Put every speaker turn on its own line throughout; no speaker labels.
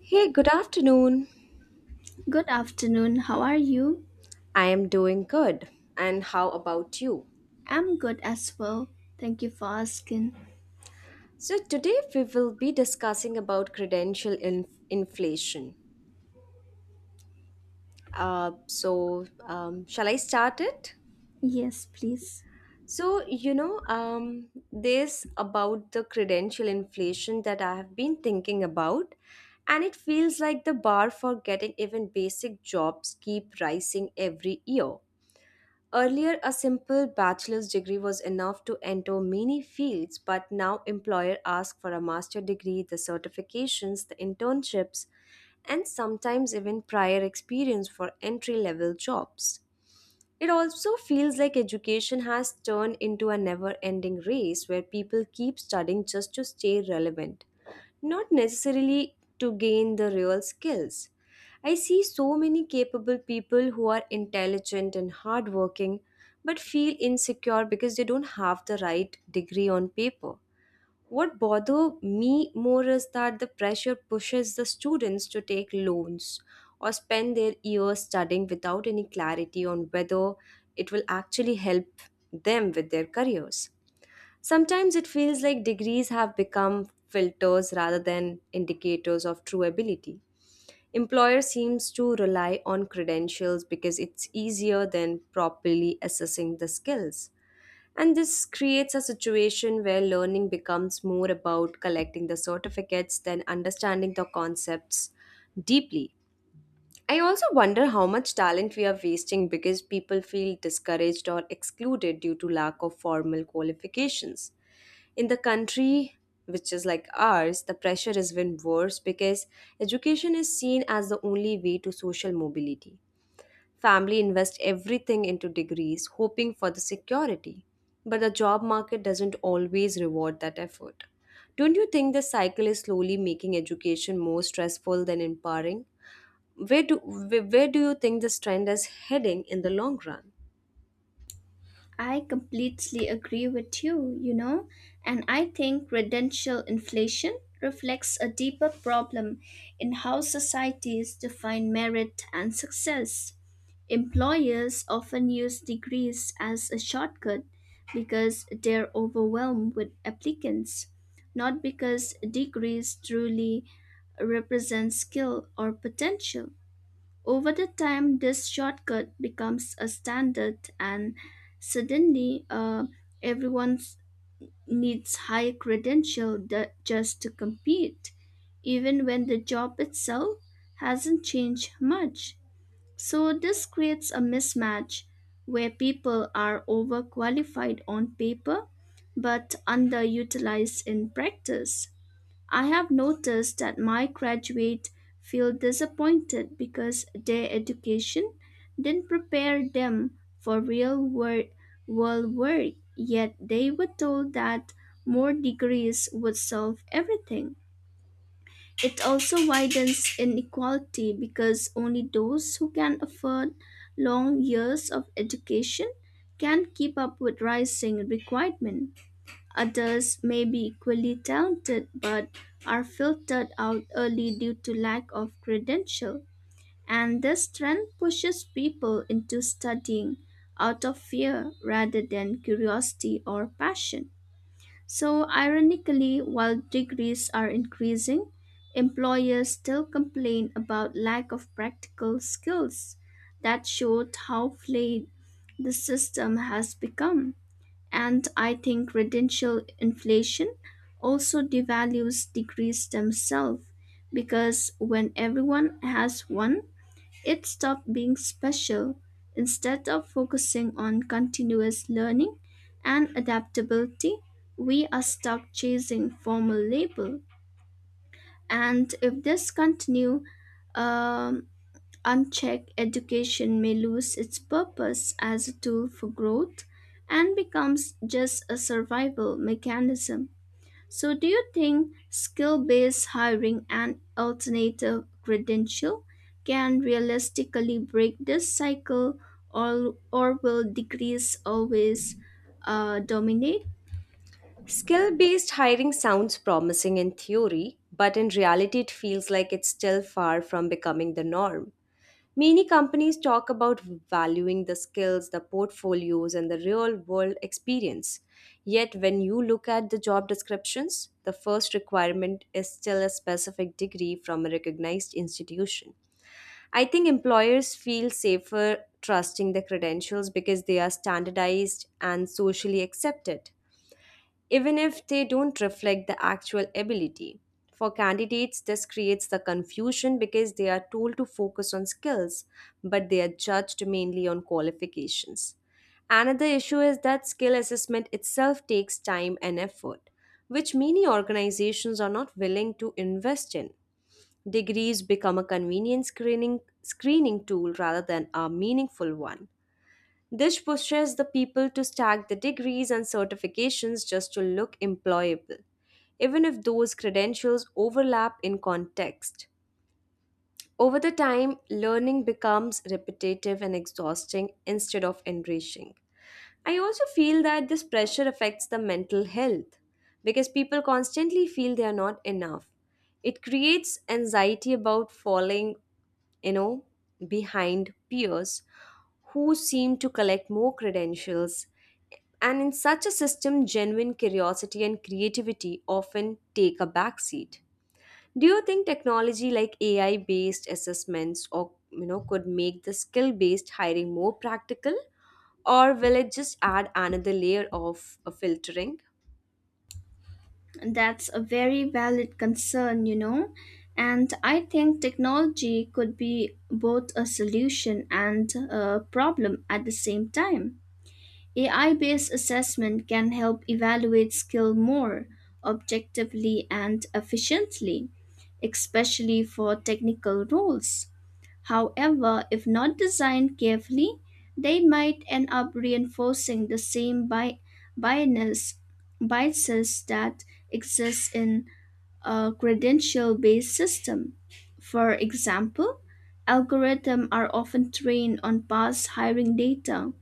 Hey, good afternoon.
Good afternoon. How are you?
I am doing good. And how about you?
I'm good as well. Thank you for asking.
So, today we will be discussing about credential inflation. Shall I start it?
Yes, please.
So, this about the credential inflation that I have been thinking about, and it feels like the bar for getting even basic jobs keep rising every year. Earlier, a simple bachelor's degree was enough to enter many fields, but now employer ask for a master degree, the certifications, the internships, and sometimes even prior experience for entry-level jobs. It also feels like education has turned into a never-ending race where people keep studying just to stay relevant not necessarily to gain the real skills. I see so many capable people who are intelligent and hardworking but feel insecure because they don't have the right degree on paper. What bothers me more is that the pressure pushes the students to take loans or spend their years studying without any clarity on whether it will actually help them with their careers. Sometimes it feels like degrees have become filters rather than indicators of true ability. Employer seems to rely on credentials because it's easier than properly assessing the skills. And this creates a situation where learning becomes more about collecting the certificates than understanding the concepts deeply. I also wonder how much talent we are wasting because people feel discouraged or excluded due to lack of formal qualifications. In the country which is like ours, the pressure is even worse because education is seen as the only way to social mobility. Family invest everything into degrees, hoping for the security. But the job market doesn't always reward that effort. Don't you think the cycle is slowly making education more stressful than empowering? Where do you think this trend is heading in the long run?
I completely agree with you, you know, and I think credential inflation reflects a deeper problem in how societies define merit and success. Employers often use degrees as a shortcut because they're overwhelmed with applicants, not because degrees truly represent skill or potential. Over the time, this shortcut becomes a standard, and suddenly, everyone needs high credential just to compete, even when the job itself hasn't changed much. So this creates a mismatch where people are overqualified on paper but underutilized in practice. I have noticed that my graduates feel disappointed because their education didn't prepare them for world work, yet they were told that more degrees would solve everything. It also widens inequality because only those who can afford long years of education can keep up with rising requirement. Others may be equally talented but are filtered out early due to lack of credential. And this trend pushes people into studying out of fear rather than curiosity or passion. So, ironically, while degrees are increasing, employers still complain about lack of practical skills. That showed how flayed the system has become. And I think residential inflation also devalues degrees themselves because when everyone has one, it stops being special. Instead of focusing on continuous learning and adaptability, we are stuck chasing formal label, and if this continue um, unchecked, education may lose its purpose as a tool for growth and becomes just a survival mechanism. So, do you think skill based hiring and alternative credential can realistically break this cycle, or will degrees always dominate?
Skill based hiring sounds promising in theory, but in reality, it feels like it's still far from becoming the norm. Many companies talk about valuing the skills, the portfolios, and the real world experience. Yet, when you look at the job descriptions, the first requirement is still a specific degree from a recognized institution. I think employers feel safer trusting the credentials because they are standardized and socially accepted even if they don't reflect the actual ability. For candidates, this creates the confusion because they are told to focus on skills, but they are judged mainly on qualifications. Another issue is that skill assessment itself takes time and effort, which many organizations are not willing to invest in. Degrees become a convenient screening tool rather than a meaningful one. This pushes the people to stack the degrees and certifications just to look employable, even if those credentials overlap in context. Over the time, learning becomes repetitive and exhausting instead of enriching. I also feel that this pressure affects the mental health because people constantly feel they are not enough. It creates anxiety about falling you know, behind peers who seem to collect more credentials. And in such a system, genuine curiosity and creativity often take a backseat. Do you think technology like AI based assessments or you know could make the skill based hiring more practical or will it just add another layer of filtering?
That's a very valid concern, you know, and I think technology could be both a solution and a problem at the same time. AI based assessment can help evaluate skill more objectively and efficiently, especially for technical roles. However, if not designed carefully, they might end up reinforcing the same bias- biases that exist in a credential-based system. For example, algorithms are often trained on past hiring data,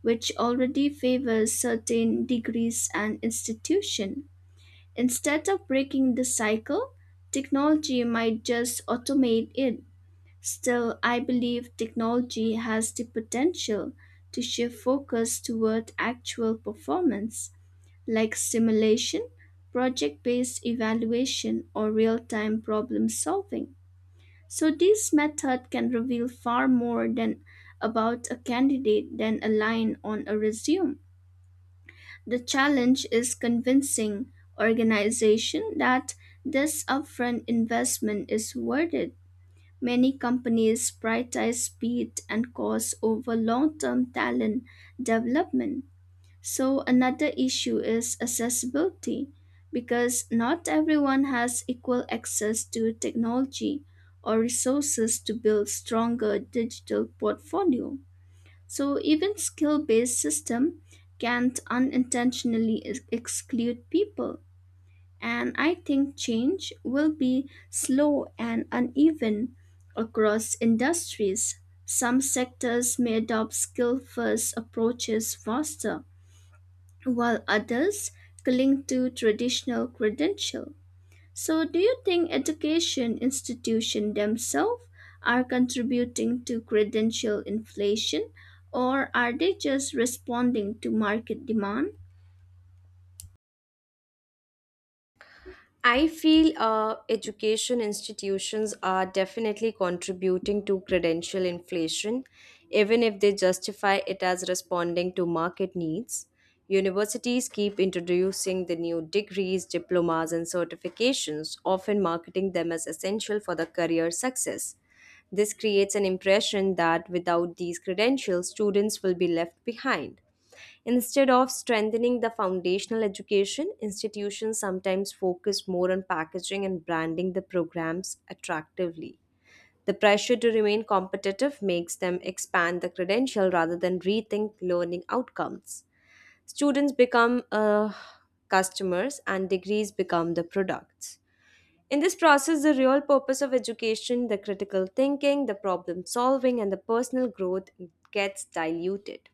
which already favors certain degrees and institution. Instead of breaking the cycle, technology might just automate it. Still, I believe technology has the potential to shift focus toward actual performance, like simulation, project based evaluation, or real time problem solving. So, this method can reveal far more than about a candidate than a line on a resume. The challenge is convincing organization that this upfront investment is worth it. Many companies prioritize speed and cost over long term talent development. So, another issue is accessibility because not everyone has equal access to technology or resources to build stronger digital portfolio. So, even skill based system can unintentionally exclude people, and I think change will be slow and uneven across industries. Some sectors may adopt skill first approaches faster, while others cling to traditional credential. So, do you think education institutions themselves are contributing to credential inflation, or are they just responding to market demand?
I feel education institutions are definitely contributing to credential inflation, even if they justify it as responding to market needs. Universities keep introducing the new degrees, diplomas, and certifications, often marketing them as essential for the career success. This creates an impression that without these credentials, students will be left behind. Instead of strengthening the foundational education, institutions sometimes focus more on packaging and branding the programs attractively. The pressure to remain competitive makes them expand the credential rather than rethink learning outcomes. Students become customers and degrees become the products. In this process, the real purpose of education, the critical thinking, the problem solving, and the personal growth gets diluted.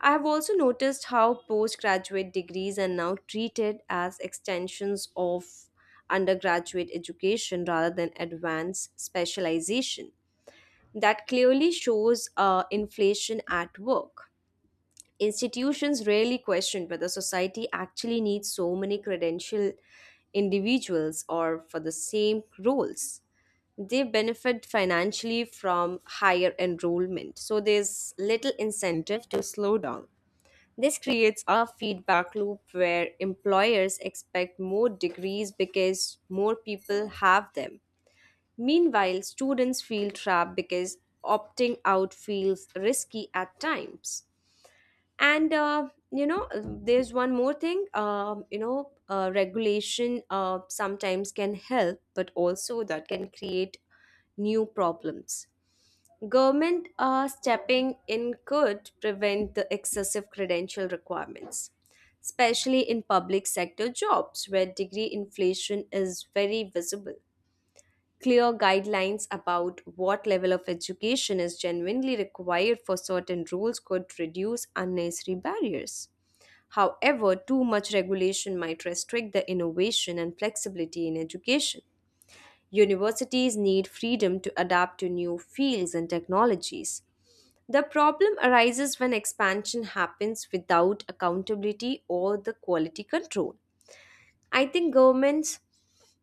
I have also noticed how postgraduate degrees are now treated as extensions of undergraduate education rather than advanced specialization. That clearly shows inflation at work. Institutions rarely question whether society actually needs so many credentialed individuals or for the same roles they benefit financially from higher enrollment. So there's little incentive to slow down. This creates a feedback loop where employers expect more degrees because more people have them. Meanwhile, students feel trapped because opting out feels risky at times. And there's one more thing. Regulation sometimes can help, but also that can create new problems. Government stepping in could prevent the excessive credential requirements, especially in public sector jobs where degree inflation is very visible. Clear guidelines about what level of education is genuinely required for certain roles could reduce unnecessary barriers. However, too much regulation might restrict the innovation and flexibility in education. Universities need freedom to adapt to new fields and technologies the problem arises when expansion happens without accountability or the quality control. I think governments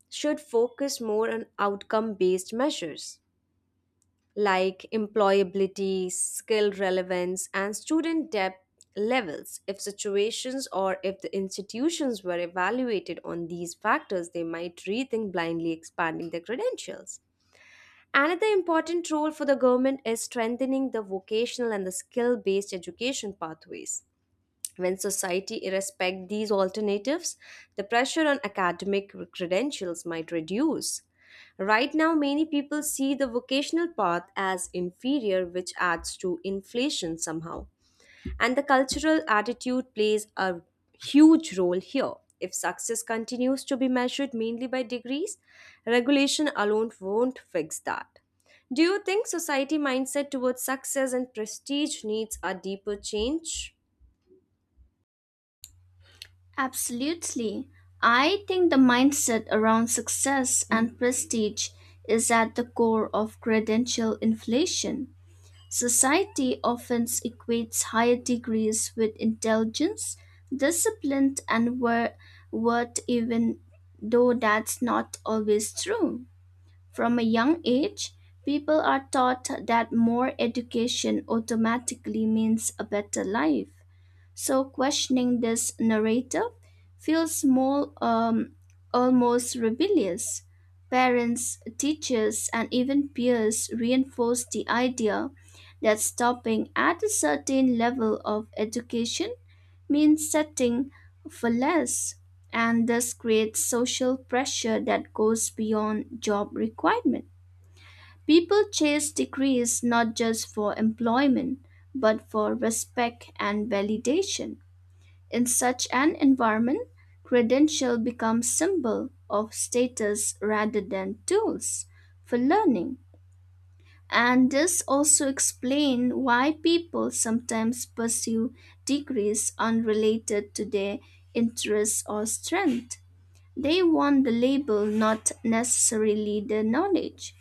should focus more on outcome based measures like employability, skill relevance, and student debt levels. If situations or if the institutions were evaluated on these factors, they might rethink blindly expanding their credentials. Another important role for the government is strengthening the vocational and the skill based education pathways. When society respects these alternatives, the pressure on academic credentials might reduce. Right now, many people see the vocational path as inferior, which adds to inflation somehow. And the cultural attitude plays a huge role here. If success continues to be measured mainly by degrees, regulation alone won't fix that. Do you think society mindset towards success and prestige needs a deeper change?
Absolutely. I think the mindset around success and prestige is at the core of credential inflation. Society often equates higher degrees with intelligence, discipline, and worth, even though that's not always true. From a young age, people are taught that more education automatically means a better life, so questioning this narrative feels small, almost rebellious. Parents, teachers, and even peers reinforce the idea that stopping at a certain level of education means setting for less, and thus creates social pressure that goes beyond job requirement. People chase degrees not just for employment, but for respect and validation. In such an environment, credentials become symbol of status rather than tools for learning. And this also explains why people sometimes pursue degrees unrelated to their interests or strength. They want the label, not necessarily the knowledge.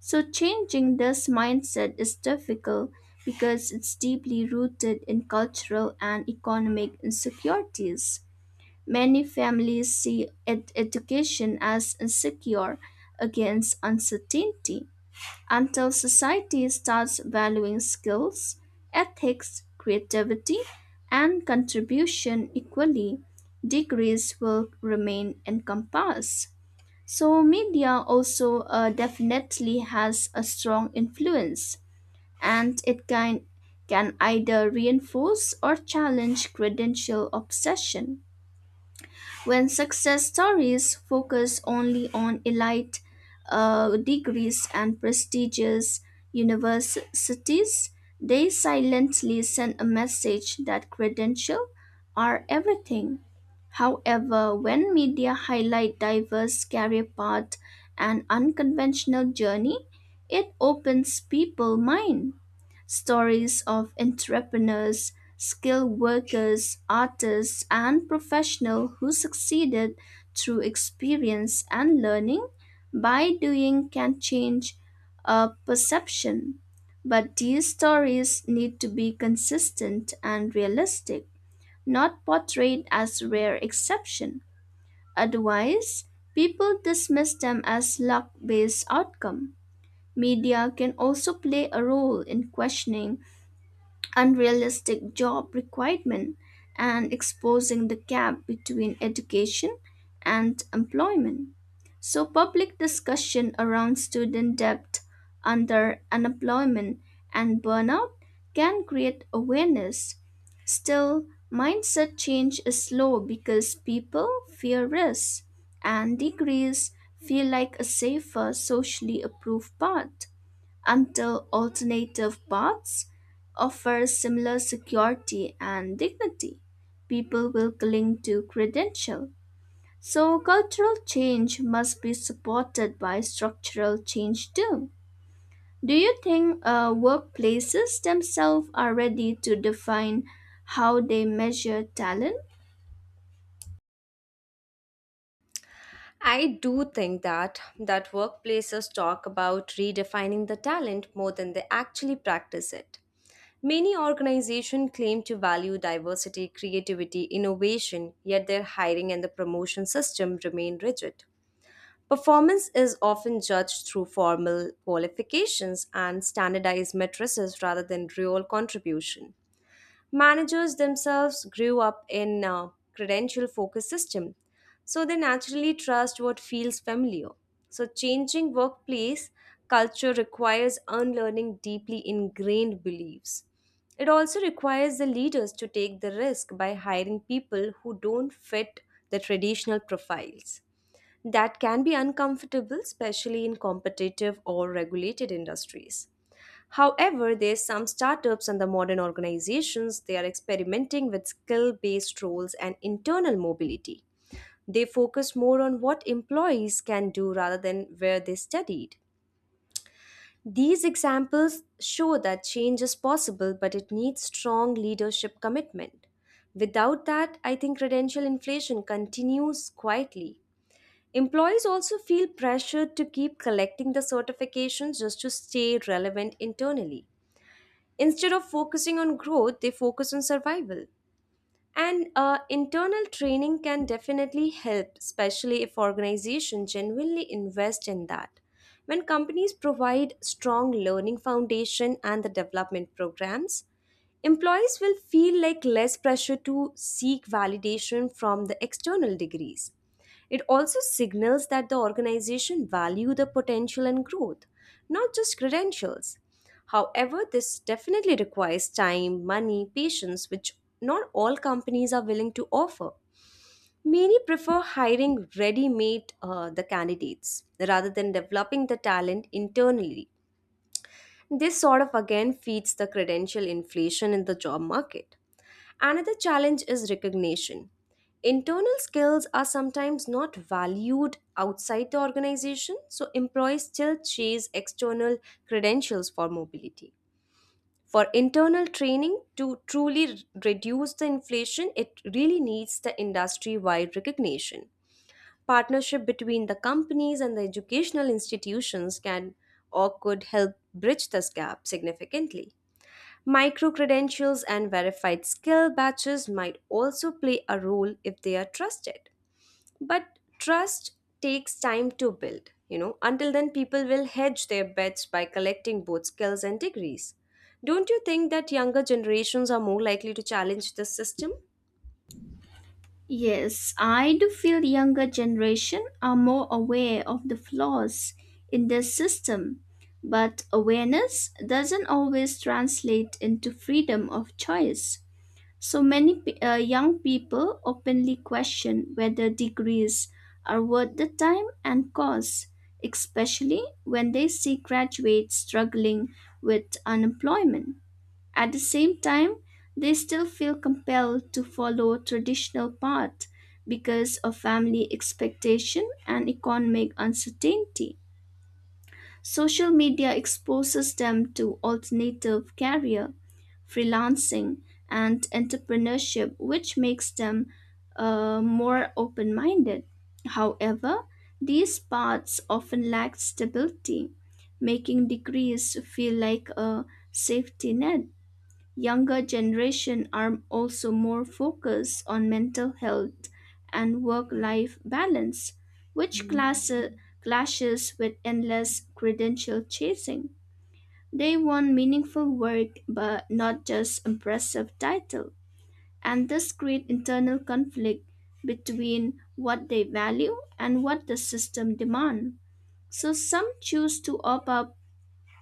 So, changing this mindset is difficult because it's deeply rooted in cultural and economic insecurities. Many families see education as insecure against uncertainty until society starts valuing skills, ethics, creativity, and contribution equally. Degrees will remain encompassed. So, media also definitely has a strong influence, and it can either reinforce or challenge credential obsession. When success stories focus only on elite degrees and prestigious universities, they silently send a message that credentials are everything. However, when media highlight diverse career paths and unconventional journey, it opens people's mind. Stories of entrepreneurs, skilled workers, artists, and professionals who succeeded through experience and learning by doing can change a perception. But these stories need to be consistent and realistic, not portrayed as rare exception. Otherwise, people dismiss them as luck based outcome. Media can also play a role in questioning unrealistic job requirement and exposing the gap between education and employment. So, public discussion around student debt under unemployment and burnout can create awareness. Still, mindset change is slow because people fear risk, and degrees feel like a safer, socially approved path until alternative paths offer similar security and dignity. People will cling to credential. So cultural change must be supported by structural change too. Do you think workplaces themselves are ready to define how they measure talent?
I do think that workplaces talk about redefining the talent more than they actually practice it. Many organizations claim to value diversity, creativity, innovation, yet their hiring and the promotion system remain rigid. Performance is often judged through formal qualifications and standardized matrices rather than real contribution. Managers themselves grew up in a credential focused system, so they naturally trust what feels familiar. So, changing workplace culture requires unlearning deeply ingrained beliefs. It also requires the leaders to take the risk by hiring people who don't fit the traditional profiles. That can be uncomfortable, especially in competitive or regulated industries. However, there's some startups and the modern organizations they are experimenting with skill-based roles and internal mobility. They focus more on what employees can do rather than where they studied. These examples show that change is possible, but it needs strong leadership commitment. Without that, I think credential inflation continues quietly. Employees also feel pressured to keep collecting the certifications just to stay relevant internally. Instead of focusing on growth, they focus on survival. And internal training can definitely help, especially if organizations genuinely invest in that. When companies provide strong learning foundation and the development programs, employees will feel like less pressure to seek validation from the external degrees. It also signals that the organization value the potential and growth, not just credentials. However, this definitely requires time, money, patience, which not all companies are willing to offer. Many prefer hiring ready-made the candidates rather than developing the talent internally. This sort of again feeds the credential inflation in the job market. Another challenge is recognition. Internal skills are sometimes not valued outside the organization, so employees still chase external credentials for mobility. For internal training to truly reduce the inflation, it really needs the industry wide recognition. Partnership between the companies and the educational institutions can or could help bridge this gap significantly. Micro credentials and verified skill batches might also play a role if they are trusted. But trust takes time to build. You know, until then, people will hedge their bets by collecting both skills and degrees. Don't you think that younger generations are more likely to challenge this system?
Yes, I do feel younger generation are more aware of the flaws in the system, but awareness doesn't always translate into freedom of choice. So many young people openly question whether degrees are worth the time and cost, especially when they see graduates struggling with unemployment. At the same time, they still feel compelled to follow traditional path because of family expectation and economic uncertainty. Social media exposes them to alternative career, freelancing, and entrepreneurship, which makes them more open minded. However, these paths often lack stability, making degrees feel like a safety net. Younger generation are also more focused on mental health and work-life balance, which clashes with endless credential chasing. They want meaningful work but not just impressive title. And this creates internal conflict between what they value and what the system demands. So some choose to opt out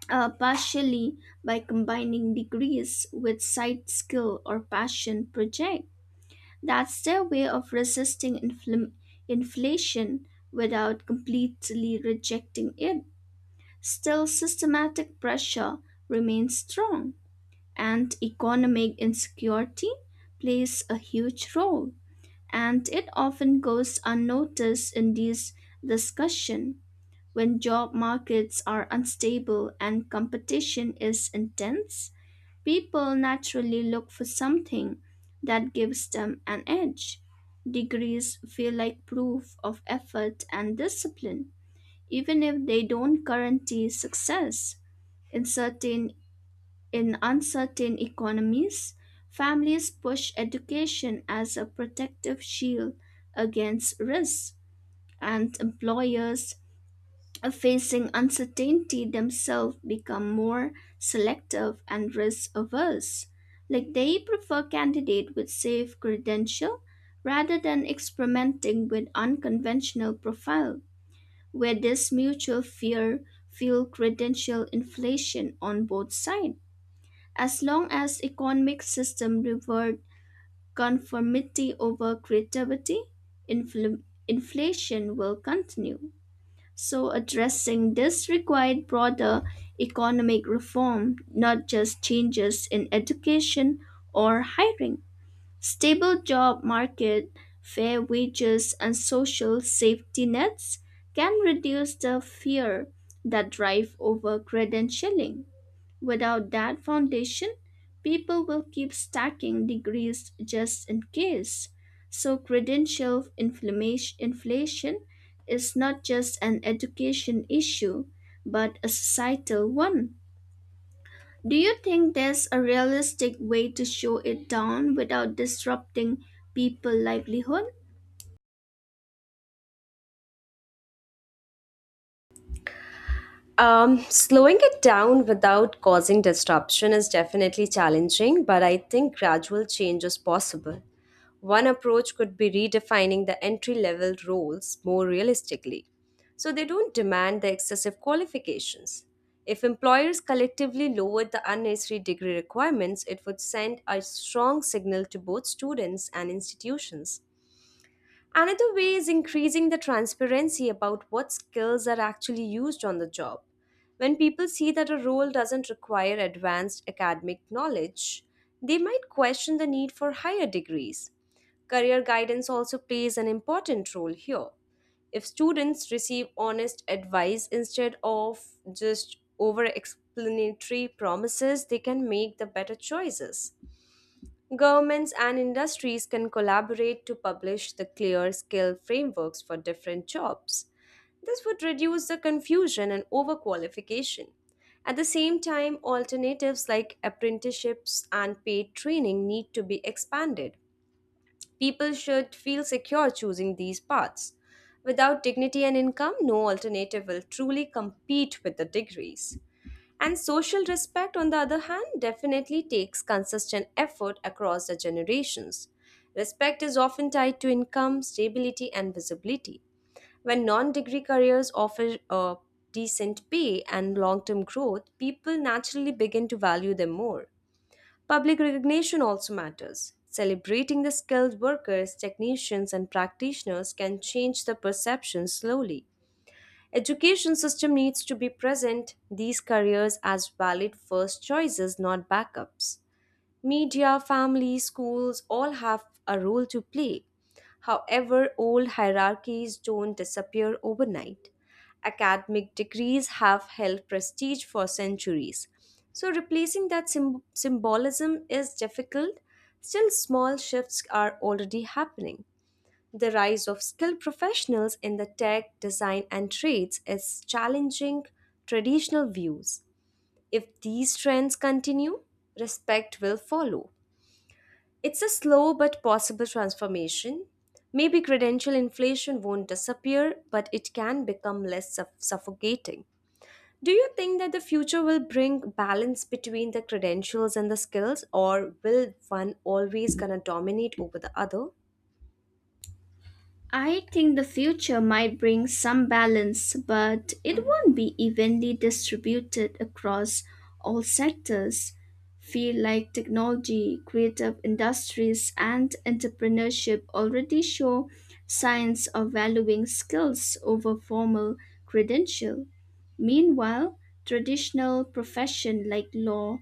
partially by combining degrees with side skill or passion project. That's their way of resisting inflation without completely rejecting it. Still, systematic pressure remains strong, and economic insecurity plays a huge role, and it often goes unnoticed in these discussions. When job markets are unstable and competition is intense, people naturally look for something that gives them an edge. Degrees feel like proof of effort and discipline, even if they don't guarantee success. In certain in uncertain economies, families push education as a protective shield against risk, and employers of facing uncertainty themselves become more selective and risk averse. Like they prefer candidate with safe credential rather than experimenting with unconventional profile, where this mutual fear fuel credential inflation on both sides. As long as economic system reward conformity over creativity, infl- inflation will continue. So, addressing this required broader economic reform, not just changes in education or hiring. Stable job market, fair wages, and social safety nets can reduce the fear that drive over credentialing. Without that foundation, people will keep stacking degrees just in case. So, credential inflation is not just an education issue, but a societal one. Do you think there's a realistic way to show it down without disrupting people's livelihood?
Slowing it down without causing disruption is definitely challenging, but I think gradual change is possible. One approach could be redefining the entry level roles more realistically, so they don't demand the excessive qualifications. If employers collectively lowered the unnecessary degree requirements, it would send a strong signal to both students and institutions. Another way is increasing the transparency about what skills are actually used on the job. When people see that a role doesn't require advanced academic knowledge, they might question the need for higher degrees. Career guidance also plays an important role here. If students receive honest advice instead of just over explanatory promises, they can make the better choices. Governments and industries can collaborate to publish the clear skill frameworks for different jobs. This would reduce the confusion and overqualification. At the same time, alternatives like apprenticeships and paid training need to be expanded. People should feel secure choosing these paths. Without dignity and income, no alternative will truly compete with the degrees. And social respect, on the other hand, definitely takes consistent effort across the generations. Respect is often tied to income, stability, and visibility. When non degree careers offer a decent pay and long term growth, people naturally begin to value them more. Public recognition also matters. Celebrating the skilled workers, technicians, and practitioners can change the perception slowly. Education system needs to be present these careers as valid first choices not backups. Media, family, schools all have a role to play. However, old hierarchies don't disappear overnight. Academic degrees have held prestige for centuries. So, replacing that symbolism is difficult. Still, small shifts are already happening. The rise of skilled professionals in the tech, design, and trades is challenging traditional views. If these trends continue, respect will follow. It's a slow but possible transformation. Maybe credential inflation won't disappear, but it can become less suffocating. Do you think that the future will bring balance between the credentials and the skills, or will one always gonna dominate over the other?
I think the future might bring some balance, but it won't be evenly distributed across all sectors. Fields like technology, creative industries, and entrepreneurship already show signs of valuing skills over formal credential. Meanwhile, traditional professions like law,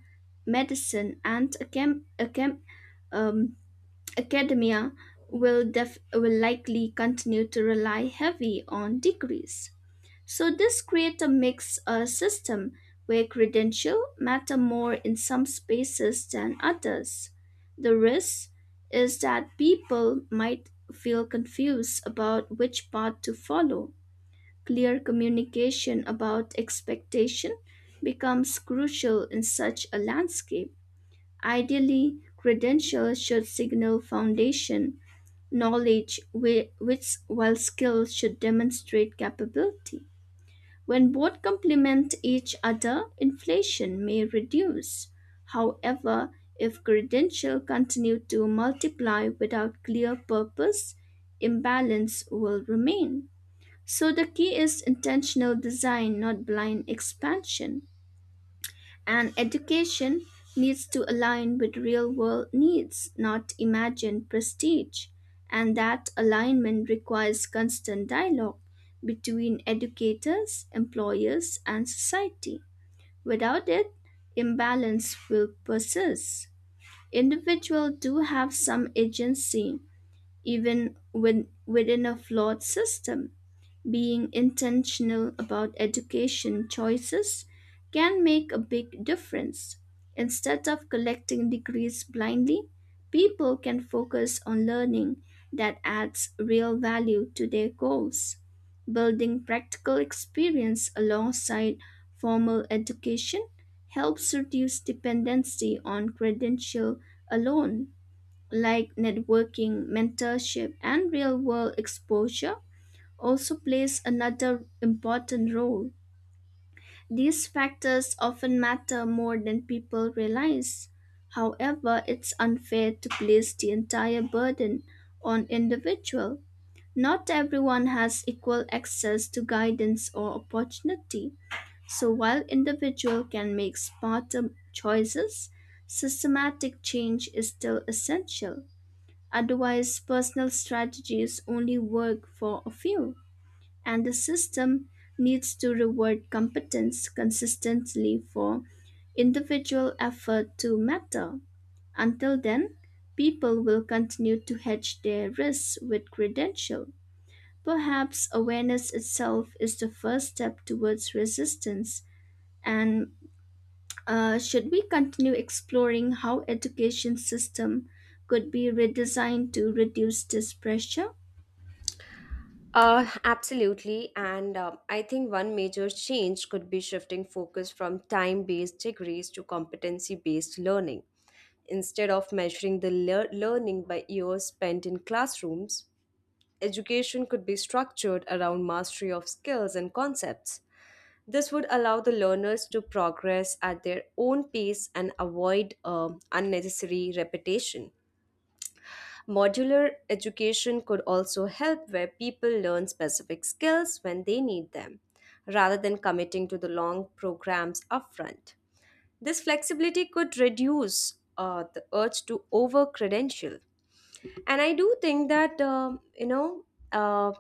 medicine, and um, academia will likely continue to rely heavy on degrees. So this creates a mixed system where credential matter more in some spaces than others. The risk is that people might feel confused about which path to follow. Clear communication about expectation becomes crucial in such a landscape. Ideally, credentials should signal foundation knowledge, which, while skill, should demonstrate capability. When both complement each other, inflation may reduce. However, if credentials continue to multiply without clear purpose, imbalance will remain. So the key is intentional design, not blind expansion. And education needs to align with real world needs, not imagined prestige. And that alignment requires constant dialogue between educators, employers, and society. Without it, imbalance will persist. Individuals do have some agency, even when within a flawed system, being intentional about education choices can make a big difference. Instead of collecting degrees blindly, people can focus on learning that adds real value to their goals. Building practical experience alongside formal education helps reduce dependency on credential alone, like networking, mentorship, and real world exposure also plays another important role. These factors often matter more than people realize. However, it's unfair to place the entire burden on individual. Not everyone has equal access to guidance or opportunity. So while individual can make smarter choices, systematic change is still essential. Otherwise, personal strategies only work for a few, and the system needs to reward competence consistently for individual effort to matter. Until then, people will continue to hedge their risks with credential. Perhaps awareness itself is the first step towards resistance. And should we continue exploring how education system could be redesigned to reduce this pressure?
Absolutely. And I think one major change could be shifting focus from time based degrees to competency based learning. Instead of measuring the learning by years spent in classrooms, education could be structured around mastery of skills and concepts. This would allow the learners to progress at their own pace and avoid unnecessary repetition. Modular education could also help where people learn specific skills when they need them, rather than committing to the long programs upfront. This flexibility could reduce the urge to over credential and I do think that uh,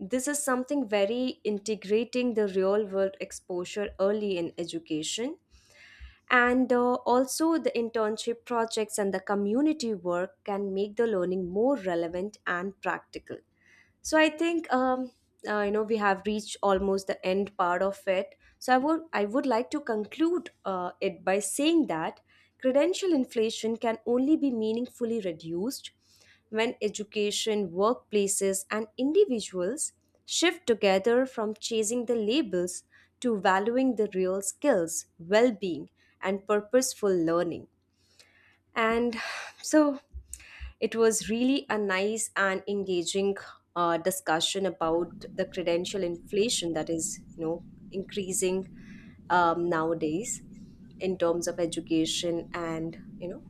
this is something very integrating the real world exposure early in education and also the internship projects and the community work can make the learning more relevant and practical so I think we have reached almost the end part of it so I would like to conclude it by saying that credential inflation can only be meaningfully reduced when education, workplaces, and individuals shift together from chasing the labels to valuing the real skills, well being, and purposeful learning. And so it was really a nice and engaging discussion about the credential inflation that is, increasing nowadays in terms of education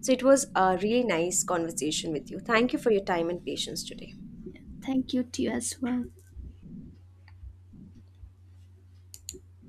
so it was a really nice conversation with you. Thank you for your time and patience today.
Thank you to you as well.